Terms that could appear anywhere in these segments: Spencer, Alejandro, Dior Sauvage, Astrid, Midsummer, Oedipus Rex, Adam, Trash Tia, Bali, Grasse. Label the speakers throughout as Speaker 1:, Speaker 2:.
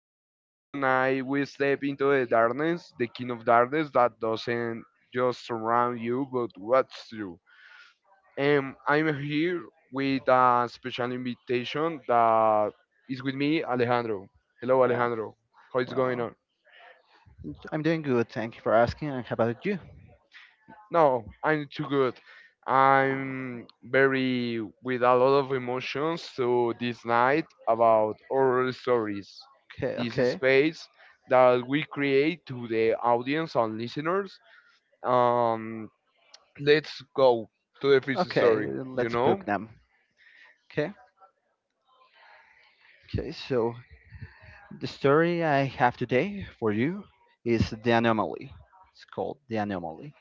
Speaker 1: podcast. Tonight we step into the darkness, the king of darkness that doesn't just surround you but watch you. And I'm here with a special invitation that is with me, Alejandro. Hello,
Speaker 2: yeah.
Speaker 1: Alejandro. How is going
Speaker 2: Well,
Speaker 1: on?
Speaker 2: I'm doing good. Thank you for asking. And how about you?
Speaker 1: No, I'm too good. I'm very with a lot of emotions so this night about oral stories.
Speaker 2: Okay,
Speaker 1: This
Speaker 2: okay,
Speaker 1: space that we create to the audience and listeners. Um, let's go to the first
Speaker 2: okay.
Speaker 1: story. You
Speaker 2: Let's
Speaker 1: know.
Speaker 2: book them. Okay, okay. So the story I have today for you is the anomaly. It's called the anomaly.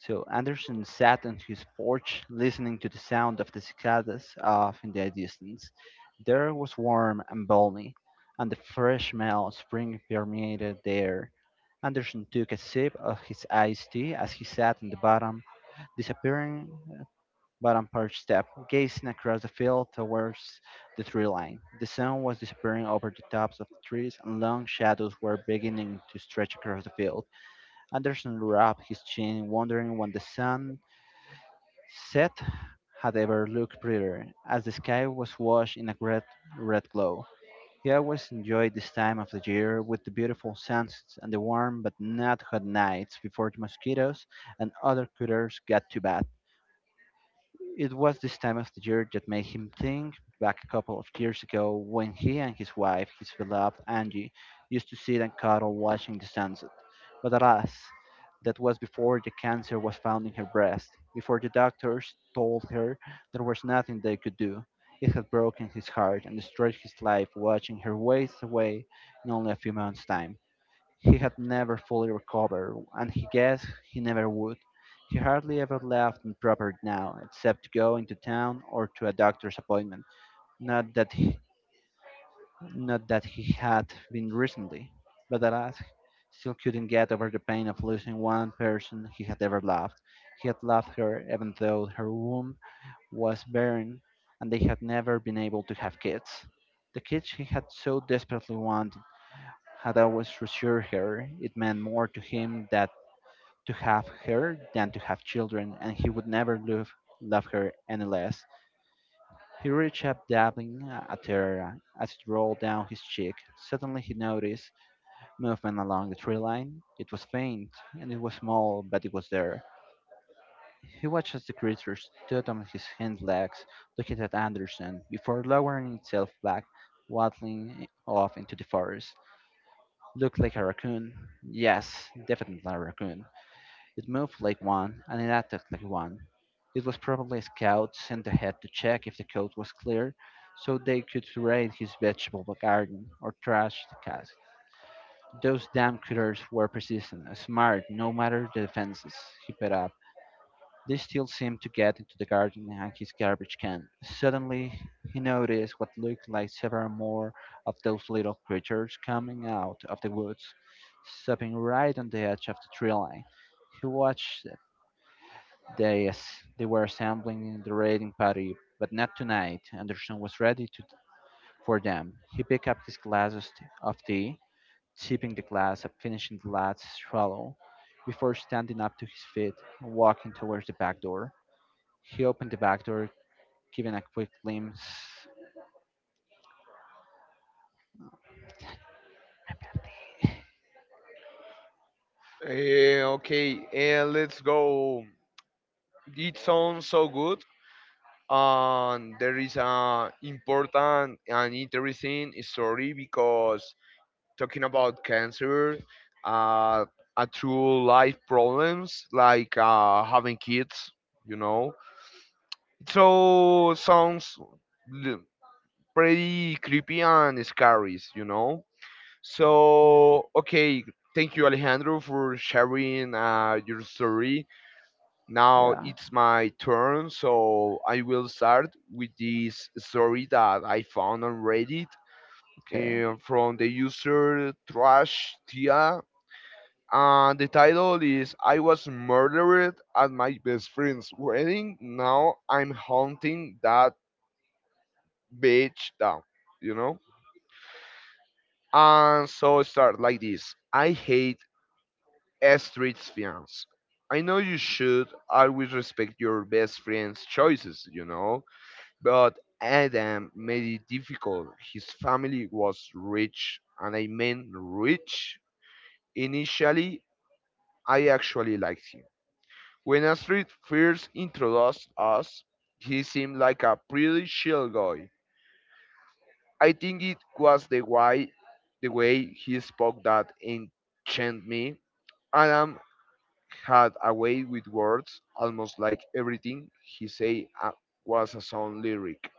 Speaker 2: So Anderson sat on his porch, listening to the sound of the cicadas off in the distance. The air was warm and balmy, and the fresh smell of spring permeated the air. Anderson took a sip of his iced tea as he sat on the bottom, disappearing bottom porch step, gazing across the field towards the tree line. The sun was disappearing over the tops of the trees, and long shadows were beginning to stretch across the field. Anderson rubbed his chin, wondering when the sun Seth had ever looked prettier, as the sky was washed in a great red glow. He always enjoyed this time of the year, with the beautiful sunsets and the warm but not hot nights before the mosquitoes and other critters got too bad. It was this time of the year that made him think back a couple of years ago when he and his wife, his beloved Angie, used to sit and cuddle watching the sunset. But alas, that was before the cancer was found in her breast, before the doctors told her there was nothing they could do. It had broken his heart and destroyed his life watching her waste away in only a few months' time. He had never fully recovered, and he guessed he never would. He hardly ever left on property now, except to go into town or to a doctor's appointment. Not that he, not that he had been recently, but alas, still couldn't get over the pain of losing one person he had ever loved. He had loved her even though her womb was barren and they had never been able to have kids. The kids he had so desperately wanted had always reassured her it meant more to him that to have her than to have children, and he would never love her any less. He reached up, dabbing at her as it rolled down his cheek. Suddenly he noticed movement along the tree line. It was faint, and it was small, but it was there. He watched as the creature stood on its hind legs, looking at Anderson, before lowering itself back, waddling off into the forest. Looked like a raccoon. Yes, definitely a raccoon. It moved like one, and it acted like one. It was probably a scout sent ahead to check if the coast was clear, so they could raid his vegetable garden or trash the cask. Those damn critters were persistent, smart, no matter the defenses. He put up. They still seemed to get into the garden and his garbage can. Suddenly he noticed what looked like several more of those little creatures coming out of the woods, stopping right on the edge of the tree line. He watched they as they were assembling the raiding party, but not tonight. Anderson was ready to, for them. He picked up his glasses of tea, sipping the glass and finishing the last swallow before standing up to his feet and walking towards the back door. He opened the back door, giving a quick glimpse.
Speaker 1: Okay, let's go. It sounds so good, and there is a important and interesting story because talking about cancer, uh, a true life problems like having kids, you know. So sounds l- pretty creepy and scary, you know. So okay, thank you Alejandro for sharing your story. Now
Speaker 2: Yeah.
Speaker 1: it's my turn, so I will start with this story that I found on Reddit
Speaker 2: Okay.
Speaker 1: from the user Trash Tia. And the title is I Was Murdered at My Best Friend's Wedding. Now I'm hunting that bitch down, you know? And so it starts like this: I hate street fiance. I know you should always respect your best friend's choices, you know? But Adam made it difficult. His family was rich, and I mean rich. Initially, I actually liked him. When Astrid first introduced us, he seemed like a pretty chill guy. I think it was the way he spoke that enchanted me. Adam had a way with words, almost like everything he said was a song lyric.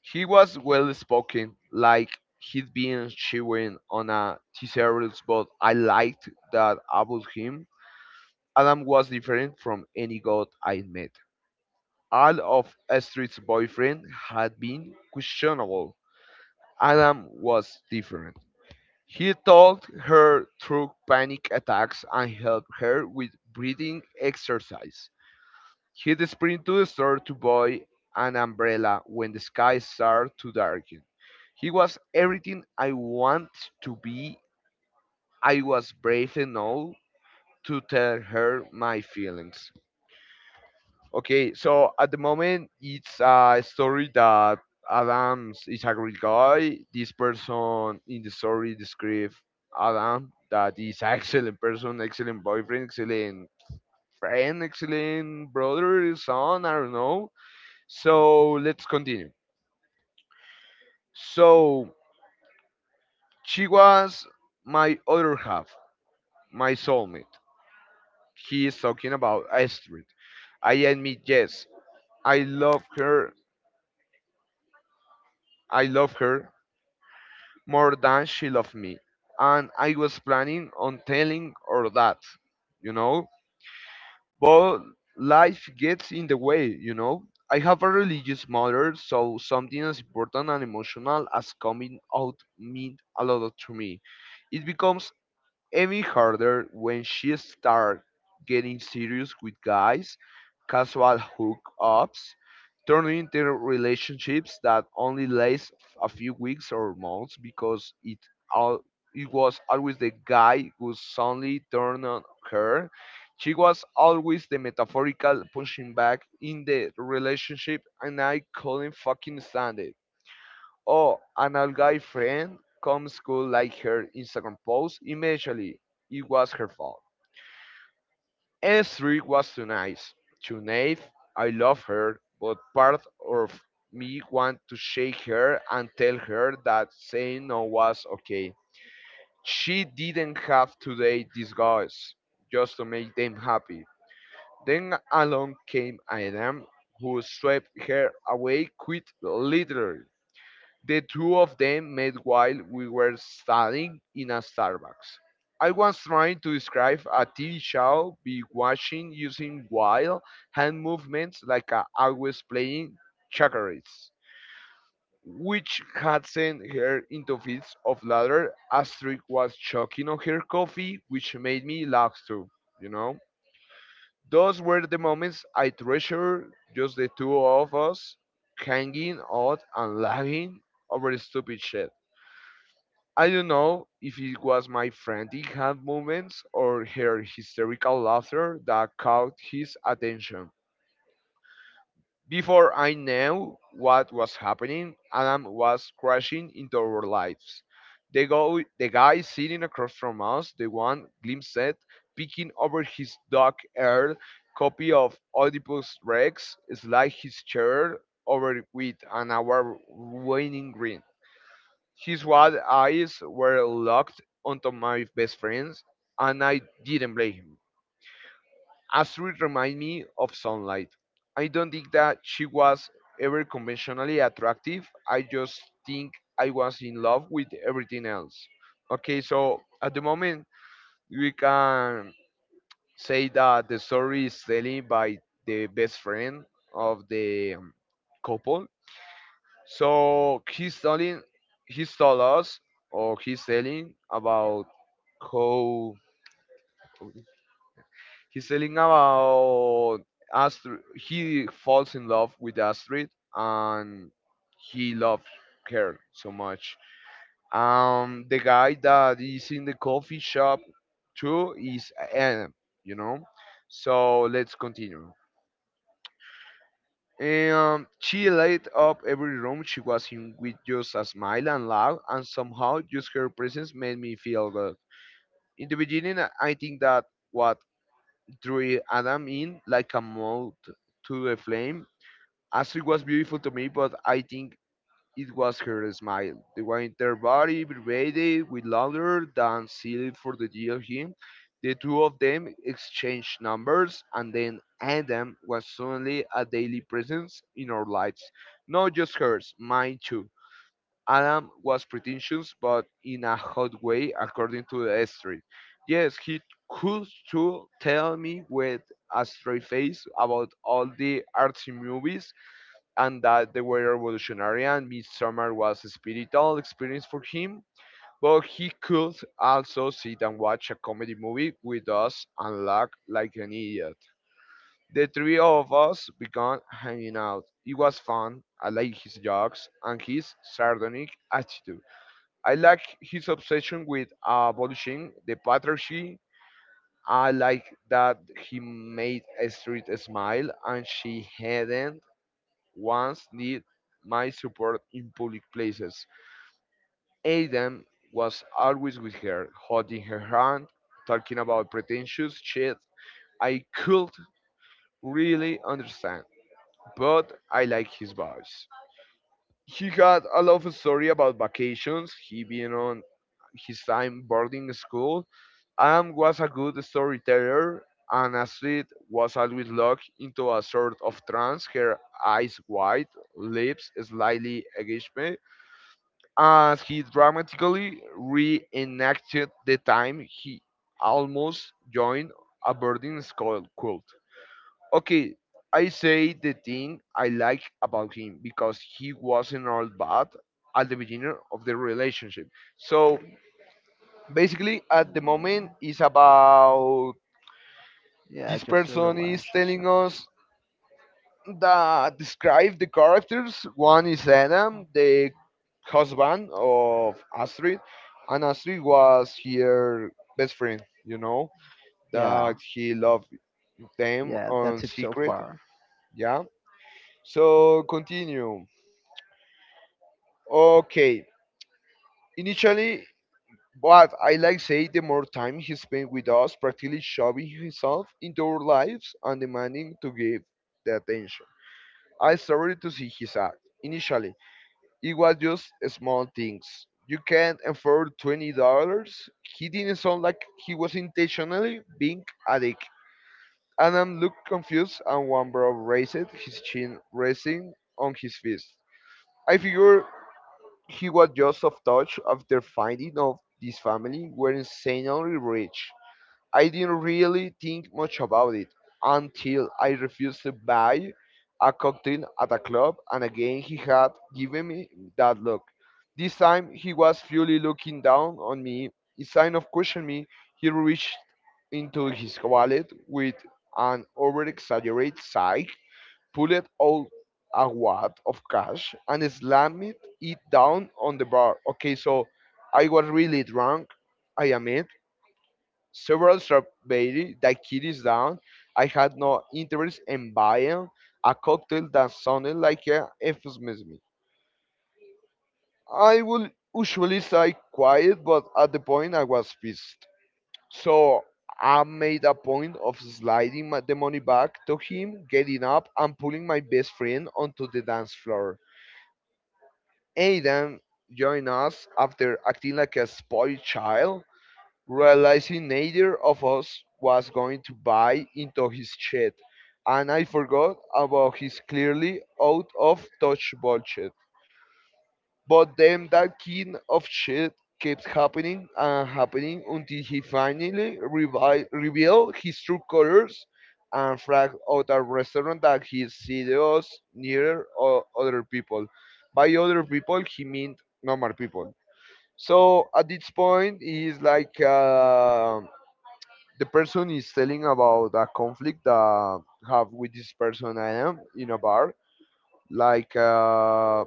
Speaker 1: He was well spoken, like he'd been chewing on a thesaurus, but I liked that about him. Adam was different from any god I met. All of Astrid's boyfriend had been questionable. Adam was different. He talked her through panic attacks and helped her with breathing exercise. He sprint to the store to buy an umbrella when the sky started to darken. He was everything I want to be. I was brave enough to tell her my feelings. Okay, so at the moment it's a story that Adams is a great guy. This person in the story describes Adam that is an excellent person, excellent boyfriend, excellent friend, excellent brother, son, I don't know. So let's continue. So she was my other half, my soulmate. He is talking about Astrid. I admit, yes, I love her. I love her more than she loved me. And I was planning on telling her that, you know. But life gets in the way, you know. I have a religious mother, so something as important and emotional as coming out meant a lot to me. It becomes Amy Harder, when she started getting serious with guys, casual hookups, turning into relationships that only last a few weeks or months because it all it was always the guy who suddenly turned on her. She was always the metaphorical pushing back in the relationship, and I couldn't fucking stand it. Oh, an old guy friend comes cool like her Instagram post. Immediately, it was her fault. S3 was too nice, too naive. I love her, but part of me want to shake her and tell her that saying no was okay. She didn't have to date these guys just to make them happy. Then along came Adam, who swept her away quit literally. The two of them met while we were studying in a Starbucks. I was trying to describe a TV show we watching using wild hand movements like I always playing checkers, which had sent her into fits of laughter. Astrid was choking on her coffee, which made me laugh too, you know? Those were the moments I treasure, just the two of us hanging out and laughing over stupid shit. I don't know if it was my frantic hand movements or her hysterical laughter that caught his attention. Before I knew what was happening, Adam was crashing into our lives. The guy sitting across from us, the one Glim said, picking over his dark haired copy of Oedipus Rex, slid his chair over with an hour waning grin. His wide eyes were locked onto my best friend's, and I didn't blame him. Astrid reminded me of sunlight. I don't think that she was ever conventionally attractive. I just think I was in love with everything else. Okay, so at the moment, we can say that the story is telling by the best friend of the couple, so he's told us, or he's telling about how He's telling about Astrid. He falls in love with Astrid, and he loves her so much. The guy that is in the coffee shop too is Adam. You know. So let's continue. And she lighted up every room she was in with just a smile and laugh, and somehow just her presence made me feel good. In the beginning, I think that what drew Adam in like a moth to the flame. Astrid was beautiful to me, but I think it was her smile, the one in their body vibrated with louder than silly for the deal Him, the two of them exchanged numbers, and then Adam was suddenly a daily presence in our lives. Not just hers, mine too. Adam was pretentious, but in a hot way, according to the street. Yes, he could too tell me with a straight face about all the artsy movies and that they were revolutionary and Midsummer was a spiritual experience for him. But he could also sit and watch a comedy movie with us and laugh like an idiot. The three of us began hanging out. It was fun. I liked his jokes and his sardonic attitude. I liked his obsession with abolishing the patriarchy. I liked that he made Street smile and she hadn't once need my support in public places. Aidan was always with her, holding her hand, talking about pretentious shit I could really understand, but I like his voice. He had a love story about vacations, he being on his time boarding school, and was a good storyteller, and Astrid was always locked into a sort of trance, her eyes wide, lips slightly agape, as he dramatically reenacted the time he almost joined a boarding school cult. Okay, I say the thing I like about him because he wasn't all bad at the beginning of the relationship. So basically, at the moment, it's about
Speaker 2: Yeah,
Speaker 1: this
Speaker 2: just a
Speaker 1: person is
Speaker 2: relationship.
Speaker 1: telling us that describe the characters. One is Adam, the husband of Astrid, and Astrid was her best friend, you know,
Speaker 2: Yeah.
Speaker 1: that he loved them
Speaker 2: Yeah, that's
Speaker 1: on
Speaker 2: it so
Speaker 1: secret.
Speaker 2: far.
Speaker 1: Yeah. So continue. Okay. Initially, but I like say the more time he spent with us, practically shoving himself into our lives and demanding to give the attention. I started to see his act. Initially it was just small things. You can't afford $20. He didn't sound like he was intentionally being a dick. Adam looked confused and one brow raised, his chin resting on his fist. I figured he was just off touch after finding out this family were insanely rich. I didn't really think much about it until I refused to buy a cocktail at a club, and again he had given me that look. This time he was fully looking down on me. Instead of questioning me, he reached into his wallet with an over exaggerated sigh, pulled out a wad of cash, and slammed it down on the bar. Okay, so I was really drunk, I admit, several strawberry that kitties down. I had no interest in buying a cocktail that sounded like a euphemism. I would usually stay quiet, but at the point I was pissed. So I made a point of sliding the money back to him, getting up and pulling my best friend onto the dance floor. Aidan joined us after acting like a spoiled child, realizing neither of us was going to buy into his shit, and I forgot about his clearly out of touch bullshit. But then that kind of shit kept happening and happening until he finally revealed his true colors and flagged out a restaurant that he serious other people. By other people, he meant normal people. So at this point, he's like, the person is telling about a conflict that have with this person Adam in a bar. Like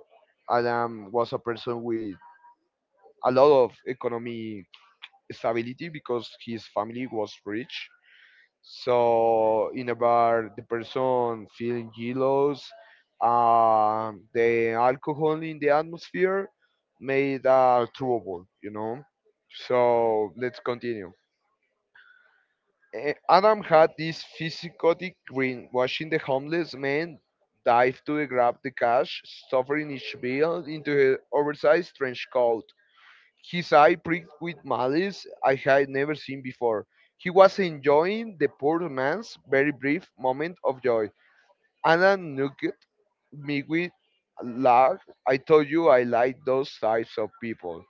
Speaker 1: Adam was a person with a lot of economic stability because his family was rich. So in a bar, the person feeling jealous. The alcohol in the atmosphere made a trouble, you know. So let's continue. Adam had this psychotic grin, watching the homeless man dive to grab the cash, stuffing each bill into his oversized trench coat. His eye pricked with malice I had never seen before. He was enjoying the poor man's very brief moment of joy. Anna nodded, me with large. I told you I like those types of people.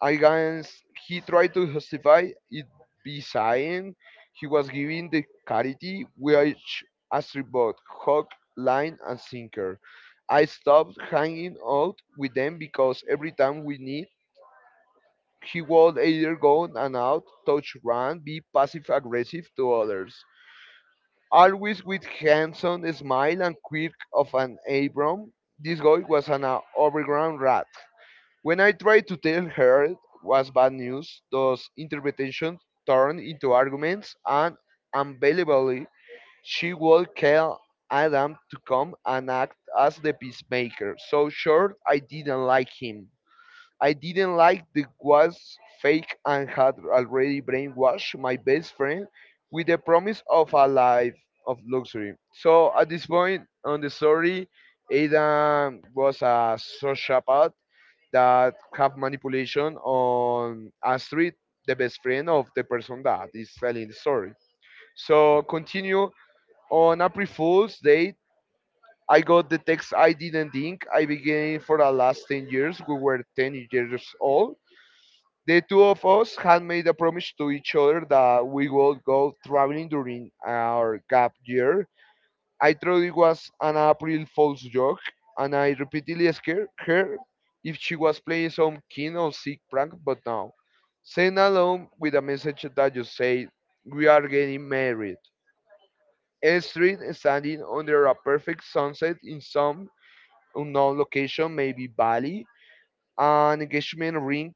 Speaker 1: I guess he tried to justify it by saying he was giving the charity, which Astrid bought hook, line, and sinker. I stopped hanging out with them because every time we meet, he would either go on and out, touch run, be passive aggressive to others. Always with handsome smile and quirk of an Abram, this guy was an overground rat. When I tried to tell her it was bad news, those interpretations turned into arguments, and unbelievably, she would call Adam to come and act as the peacemaker. So sure, I didn't like him. I didn't like the was fake and had already brainwashed my best friend with the promise of a life of luxury. So at this point on the story, Adam was a sociopath that have manipulation on Astrid, the best friend of the person that is telling the story. So continue on April Fool's date. I got the text I didn't think I began for the last 10 years. We were 10 years old, the two of us had made a promise to each other that we would go traveling during our gap year. I thought it was an April Fool's joke, and I repeatedly asked her if she was playing some keen or sick prank, but no. Sent along with a message that just said, we are getting married. A street standing under a perfect sunset in some unknown location, maybe Bali, an engagement ring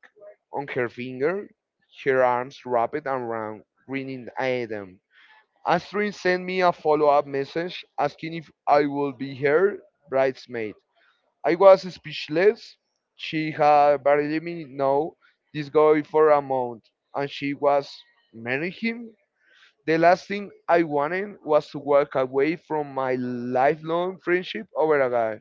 Speaker 1: on her finger, her arms wrapped around grinning Adam. Astrid sent me a follow-up message asking if I would be her bridesmaid. I was speechless. She had barely me know this guy for a month, and she was marrying him. The last thing I wanted was to walk away from my lifelong friendship over a guy.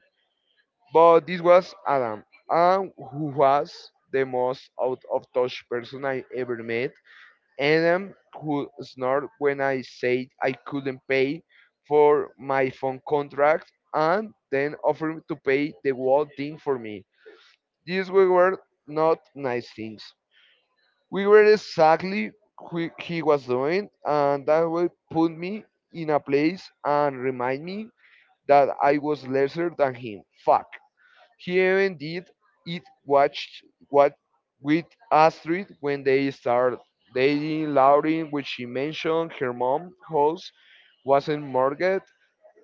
Speaker 1: But this was Adam, Adam who was the most out of touch person I ever met. Adam who snored when I said I couldn't pay for my phone contract and then offered to pay the whole thing for me. These were not nice things. We were exactly who he was doing, and that would put me in a place and remind me that I was lesser than him. Fuck. He even did it watched what with Astrid when they started dating Lauren, which she mentioned her mom house wasn't mortgaged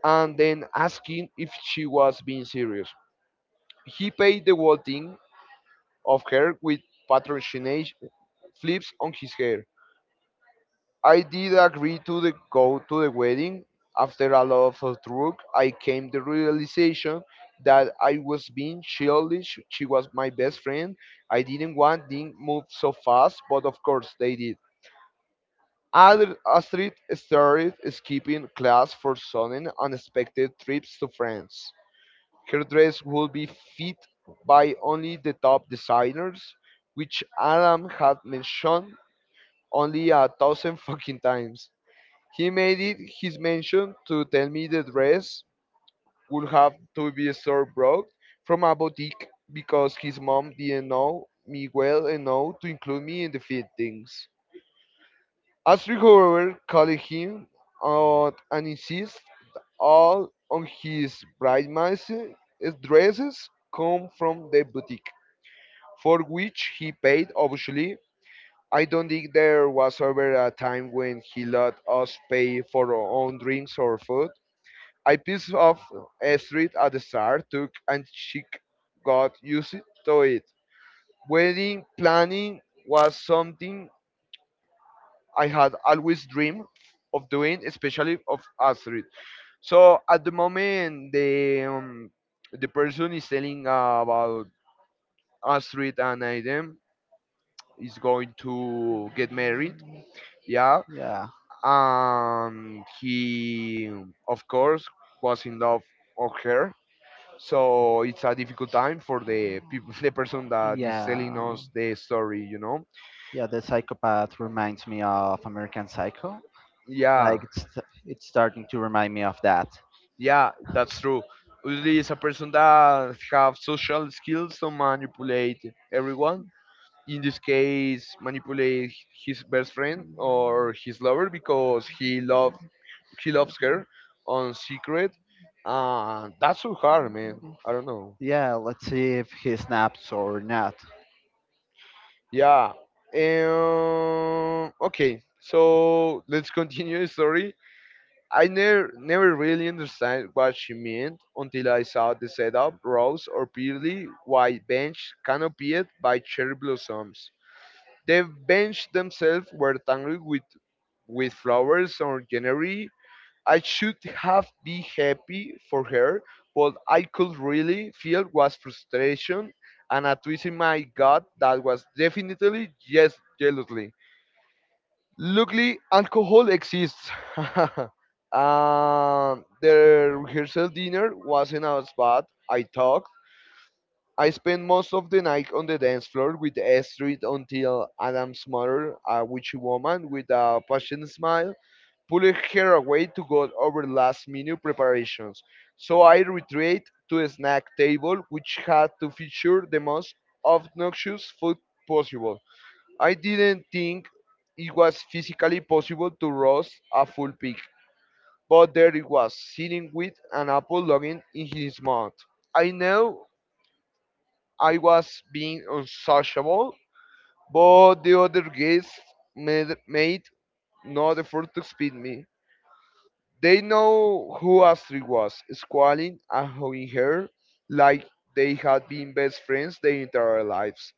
Speaker 1: and then asking if she was being serious. He paid the whole thing of her with patrocination flips on his hair. I did agree to the go to the wedding. After a lot of drug, I came the realization that I was being childish. She was my best friend. I didn't want things move so fast, but of course they did. Astrid started skipping class for sudden, unexpected trips to France. Her dress would be fit by only the top designers, which Adam had mentioned only a thousand fucking times. He made it his mention to tell me the dress would have to be store bought from a boutique because his mom didn't know me well enough to include me in the fittings. Astrid, however, called him out and insisted all on his bridesmaids' dresses come from the boutique, for which he paid obviously. I don't think there was ever a time when he let us pay for our own drinks or food, I piece of a street at the start took and she got used to it. Wedding planning was something I had always dreamed of doing, especially of Astrid. So at the moment, the person is telling about Astrid and Aiden is going to get married. Yeah,
Speaker 2: Yeah.
Speaker 1: and he of course was in love of her, so it's a difficult time for the people, the person that is selling
Speaker 2: Yeah.
Speaker 1: us the story.
Speaker 2: Yeah, the psychopath reminds me of American Psycho.
Speaker 1: Yeah,
Speaker 2: Like it's starting to remind me of that.
Speaker 1: yeah, that's true. Usually it's a person that have social skills to manipulate everyone. In this case, manipulate his best friend or his lover because he loves her on secret. That's so hard, man. I don't know.
Speaker 2: Yeah, let's see if he snaps or not.
Speaker 1: Yeah. Okay, so let's continue the story. I never really understand what she meant until I saw the setup, rows or purely white bench canopied by cherry blossoms. The bench themselves were tangled with flowers or greenery. I should have been happy for her, but I could really feel was frustration and a twist in my gut that was definitely just jealously. Luckily, alcohol exists. um, the rehearsal dinner wasn't as bad. I talked. I spent most of the night on the dance floor with Astrid until Adam's mother, a witchy woman with a passionate smile, pulled her away to go over last minute preparations. So I retreated to a snack table which had to feature the most obnoxious food possible. I didn't think it was physically possible to roast a full pig, but there it was, sitting with an apple logging in his mouth. I know I was being unsociable, but the other guests made no effort to speak me. They know who Astrid was, squalling and hoeing her like they had been best friends their entire lives.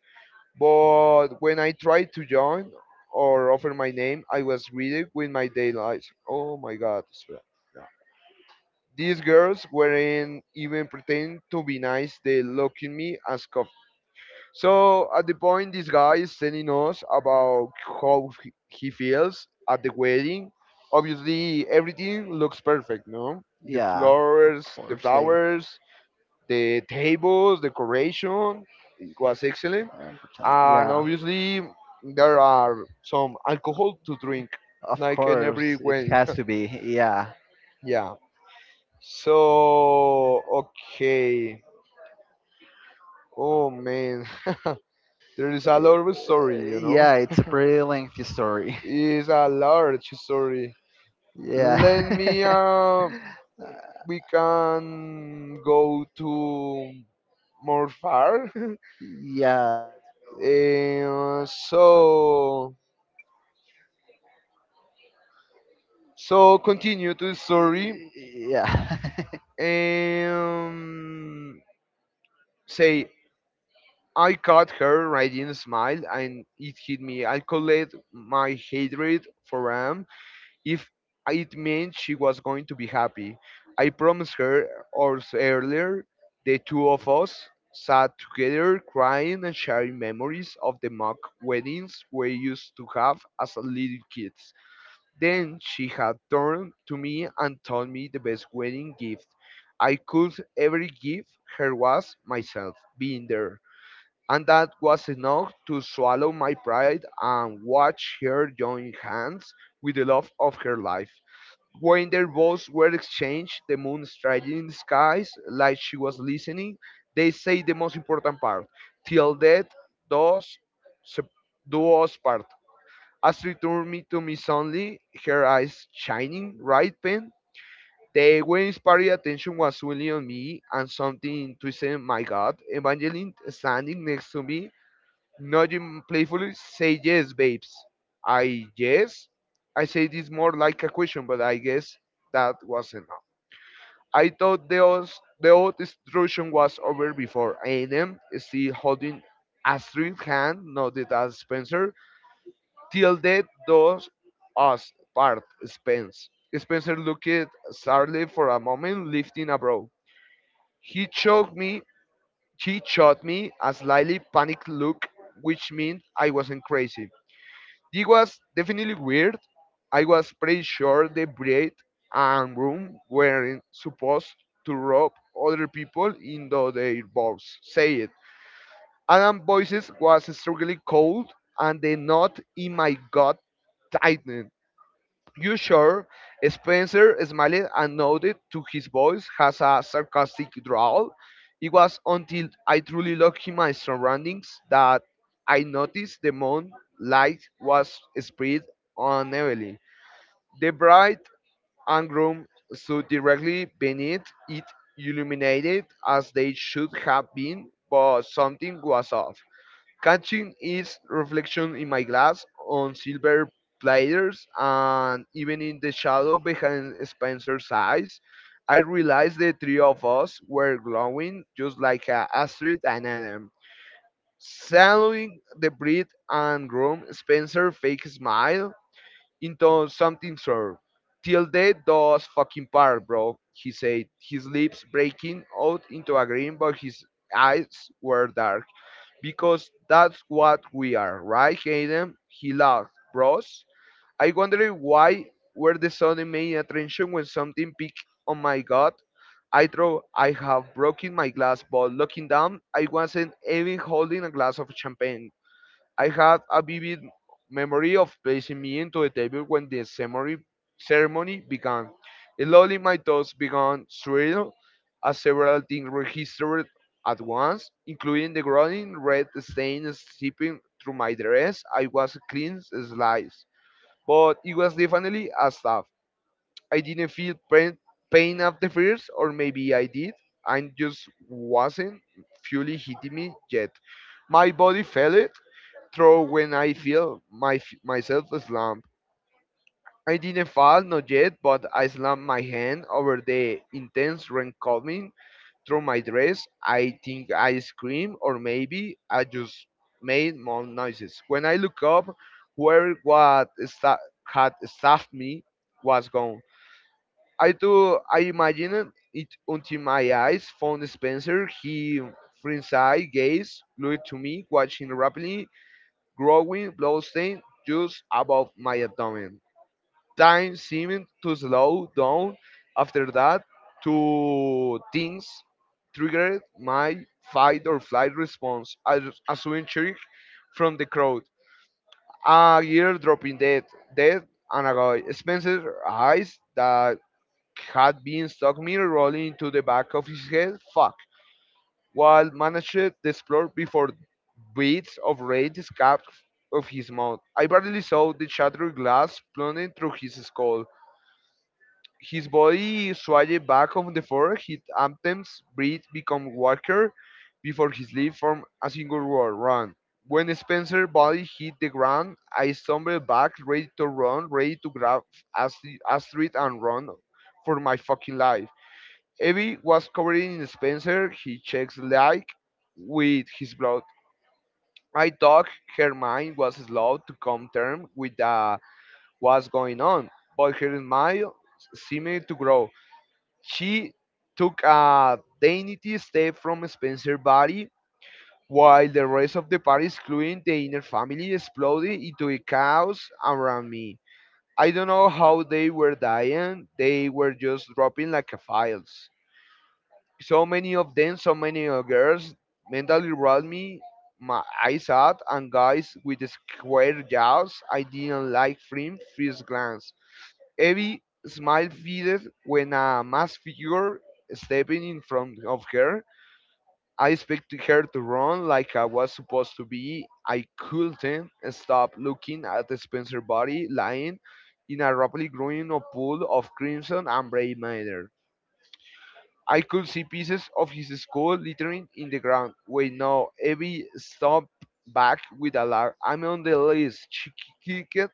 Speaker 1: But when I tried to join or offer my name, I was greeted with my day lights. Oh my God. Espera. No. These girls weren't even pretending to be nice. They looked at me as coffee. So at the point, this guy is telling us about how he feels at the wedding. Obviously, everything looks perfect, no? The
Speaker 2: Yeah, of
Speaker 1: flowers, the
Speaker 2: course they.
Speaker 1: flowers, the tables, decoration. It was excellent,
Speaker 2: Uh,
Speaker 1: and
Speaker 2: yeah.
Speaker 1: obviously there are some alcohol to drink
Speaker 2: Of
Speaker 1: like in every
Speaker 2: course, it
Speaker 1: wedding.
Speaker 2: has to be. Yeah.
Speaker 1: Yeah, so okay. Oh man. there is a lot of
Speaker 2: Uh,
Speaker 1: story you know
Speaker 2: Yeah, it's a pretty lengthy story.
Speaker 1: It's a large story. Let
Speaker 2: Yeah.
Speaker 1: me we can go to more far.
Speaker 2: yeah.
Speaker 1: Eh, so continue to the story
Speaker 2: Yeah.
Speaker 1: and say, I caught her radiant smile, and it hit me. I collect my hatred for Ram if it meant she was going to be happy. I promised her hours earlier, the two of us sat together crying and sharing memories of the mock weddings we used to have as little kids. Then she had turned to me and told me the best wedding gift I could ever give her was myself being there, and that was enough to swallow my pride and watch her join hands with the love of her life. When their vows were exchanged, the moon striking the skies like she was listening, they say the most important part: till death does sep- do us part. Astrid turned me to me suddenly, her eyes shining, right pen. The way inspired attention was only on me and something twisted my gut. Evangeline standing next to me nodding playfully, say yes, babes. I yes. I say this more like a question, but I guess that was enough. I thought the old instruction was over before Aiden, still holding Astrid's hand, nodded at Spencer. Till death does us part, Spence. Spencer looked sadly for a moment, lifting a brow. He choked me, she shot me a slightly panicked look, which meant I wasn't crazy. It was definitely weird. I was pretty sure the bride and groom weren't supposed to rob other people into their boats, said. Adam's voice was strangely cold, and the knot in my gut tightened. You sure? Spencer smiled and nodded to his voice has a sarcastic drawl. It was until I truly looked in my surroundings that I noticed the moonlight was spread unevenly. The bride and groom stood directly beneath it, illuminated as they should have been, but something was off. Catching its reflection in my glass on silver platters and even in the shadow behind Spencer's eyes, I realized the three of us were glowing just like a Astrid and Adam. Suddenly, the breath and room, Spencer fake smile into something sore. Till death does fucking part, bro, he said, his lips breaking out into a grin, but his eyes were dark because that's what we are, right, Hayden? He laughed. Bros, I wonder why were the sudden main attention when something peaked. Oh my God! I thought I have broken my glass, but looking down, I wasn't even holding a glass of champagne. I had a vivid memory of placing me into the table when the ceremony began. Slowly, my thoughts began swirling as several things registered at once, including the growing red stain seeping through my dress. I was a clean slice, but it was definitely a stab. I didn't feel pain after first, or maybe I did, and just wasn't fully hitting me yet. My body felt it, throw when I feel my myself slump. I didn't fall, not yet, but I slammed my hand over the intense rain coming through my dress. I think I screamed, or maybe I just made more noises. When I looked up, whoever what sta- had staffed me was gone. I do. I imagined it until my eyes found Spencer. He, frenzied gaze, glued to me, watching rapidly growing bloodstream just above my abdomen. Time seemed to slow down after that. Two things triggered my fight or flight response. I was assumed cheering from the crowd. A ear dropping dead, and a guy. Spencer's eyes that had been stuck mirror rolling into the back of his head. Fuck. Wall managed to explode before beads of rain escaped of his mouth. I barely saw the shattered glass plunging through his skull. His body swayed back on the floor, his anthems breath become weaker before his lips formed a single word, run. When Spencer's body hit the ground, I stumbled back, ready to run, ready to grab Astrid and run for my fucking life. Evie was covered in Spencer, He checks like with his blood. I thought her mind was slow to come term with what's going on, but her smile seemed to grow. She took a dainty step from Spencer's body, while the rest of the party, including the inner family, exploded into a chaos around me. I don't know how they were dying, they were just dropping like a files. So many of them, so many girls mentally rolled me my eyes out and guys with square jaws I didn't like from first glance. Evie smile faded when a masked figure stepping in front of her. I expected her to run like I was supposed to be. I couldn't stop looking at the Spencer body lying in a rapidly growing pool of crimson and gray matter. I could see pieces of his skull littering in the ground. Wait, no, Evie stopped back with alarm. I'm on the list, she kicked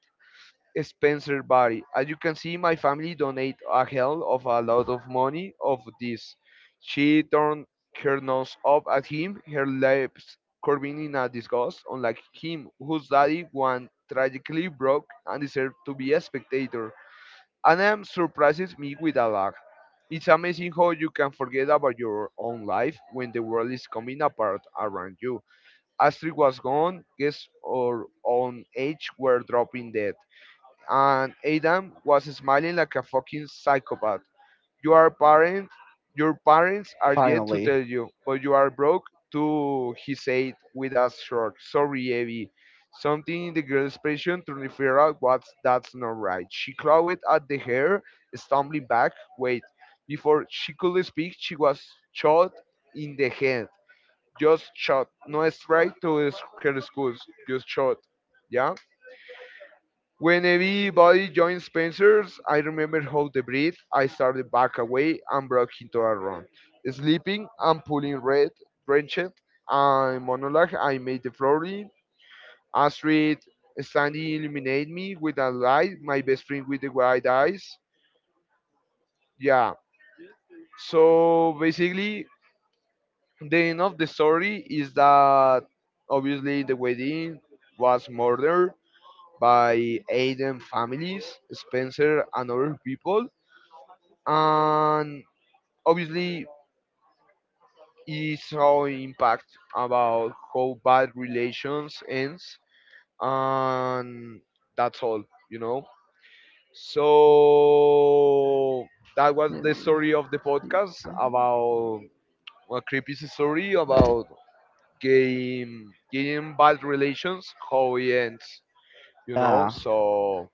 Speaker 1: Spencer's body. As you can see, my family donate a hell of a lot of money of this. She turned her nose up at him, her lips curving in a disgust, unlike him, whose daddy one tragically broke and deserved to be a spectator. Anam surprises me with a lot. It's amazing how you can forget about your own life when the world is coming apart around you. Astrid was gone, guests our own age were dropping dead, and Adam was smiling like a fucking psychopath. You are parent, your parents are yet to
Speaker 2: Finally.
Speaker 1: tell you, but you are broke too, he said with a shrug. Sorry, Evie. Something in the girl's expression to figure out what's that's not right. She clawed at the hair, stumbling back. Wait. Before she could speak, she was shot in the head. Just shot. No strike to her schools. Just shot. Yeah? When everybody joined Spencer's, I remember how the breath I started back away and broke into a run. Sleeping and pulling red, wrenched, and monologue I made the flooring. Astrid standing illuminated me with a light, my best friend with the wide eyes. Yeah. So basically, the end of the story is that obviously the wedding was murdered by Aiden families, Spencer and other people, and obviously it how impact about how bad relations ends, and that's all you know so that was the story of the podcast about a creepy story about game bad relations how it ends
Speaker 2: Yeah.
Speaker 1: so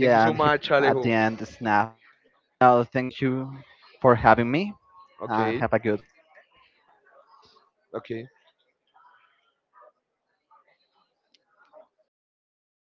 Speaker 1: thank you so
Speaker 2: and he,
Speaker 1: much
Speaker 2: at the
Speaker 1: Alejo.
Speaker 2: end, snap. Now, thank you for having me and
Speaker 1: Okay.
Speaker 2: have a good
Speaker 1: Okay.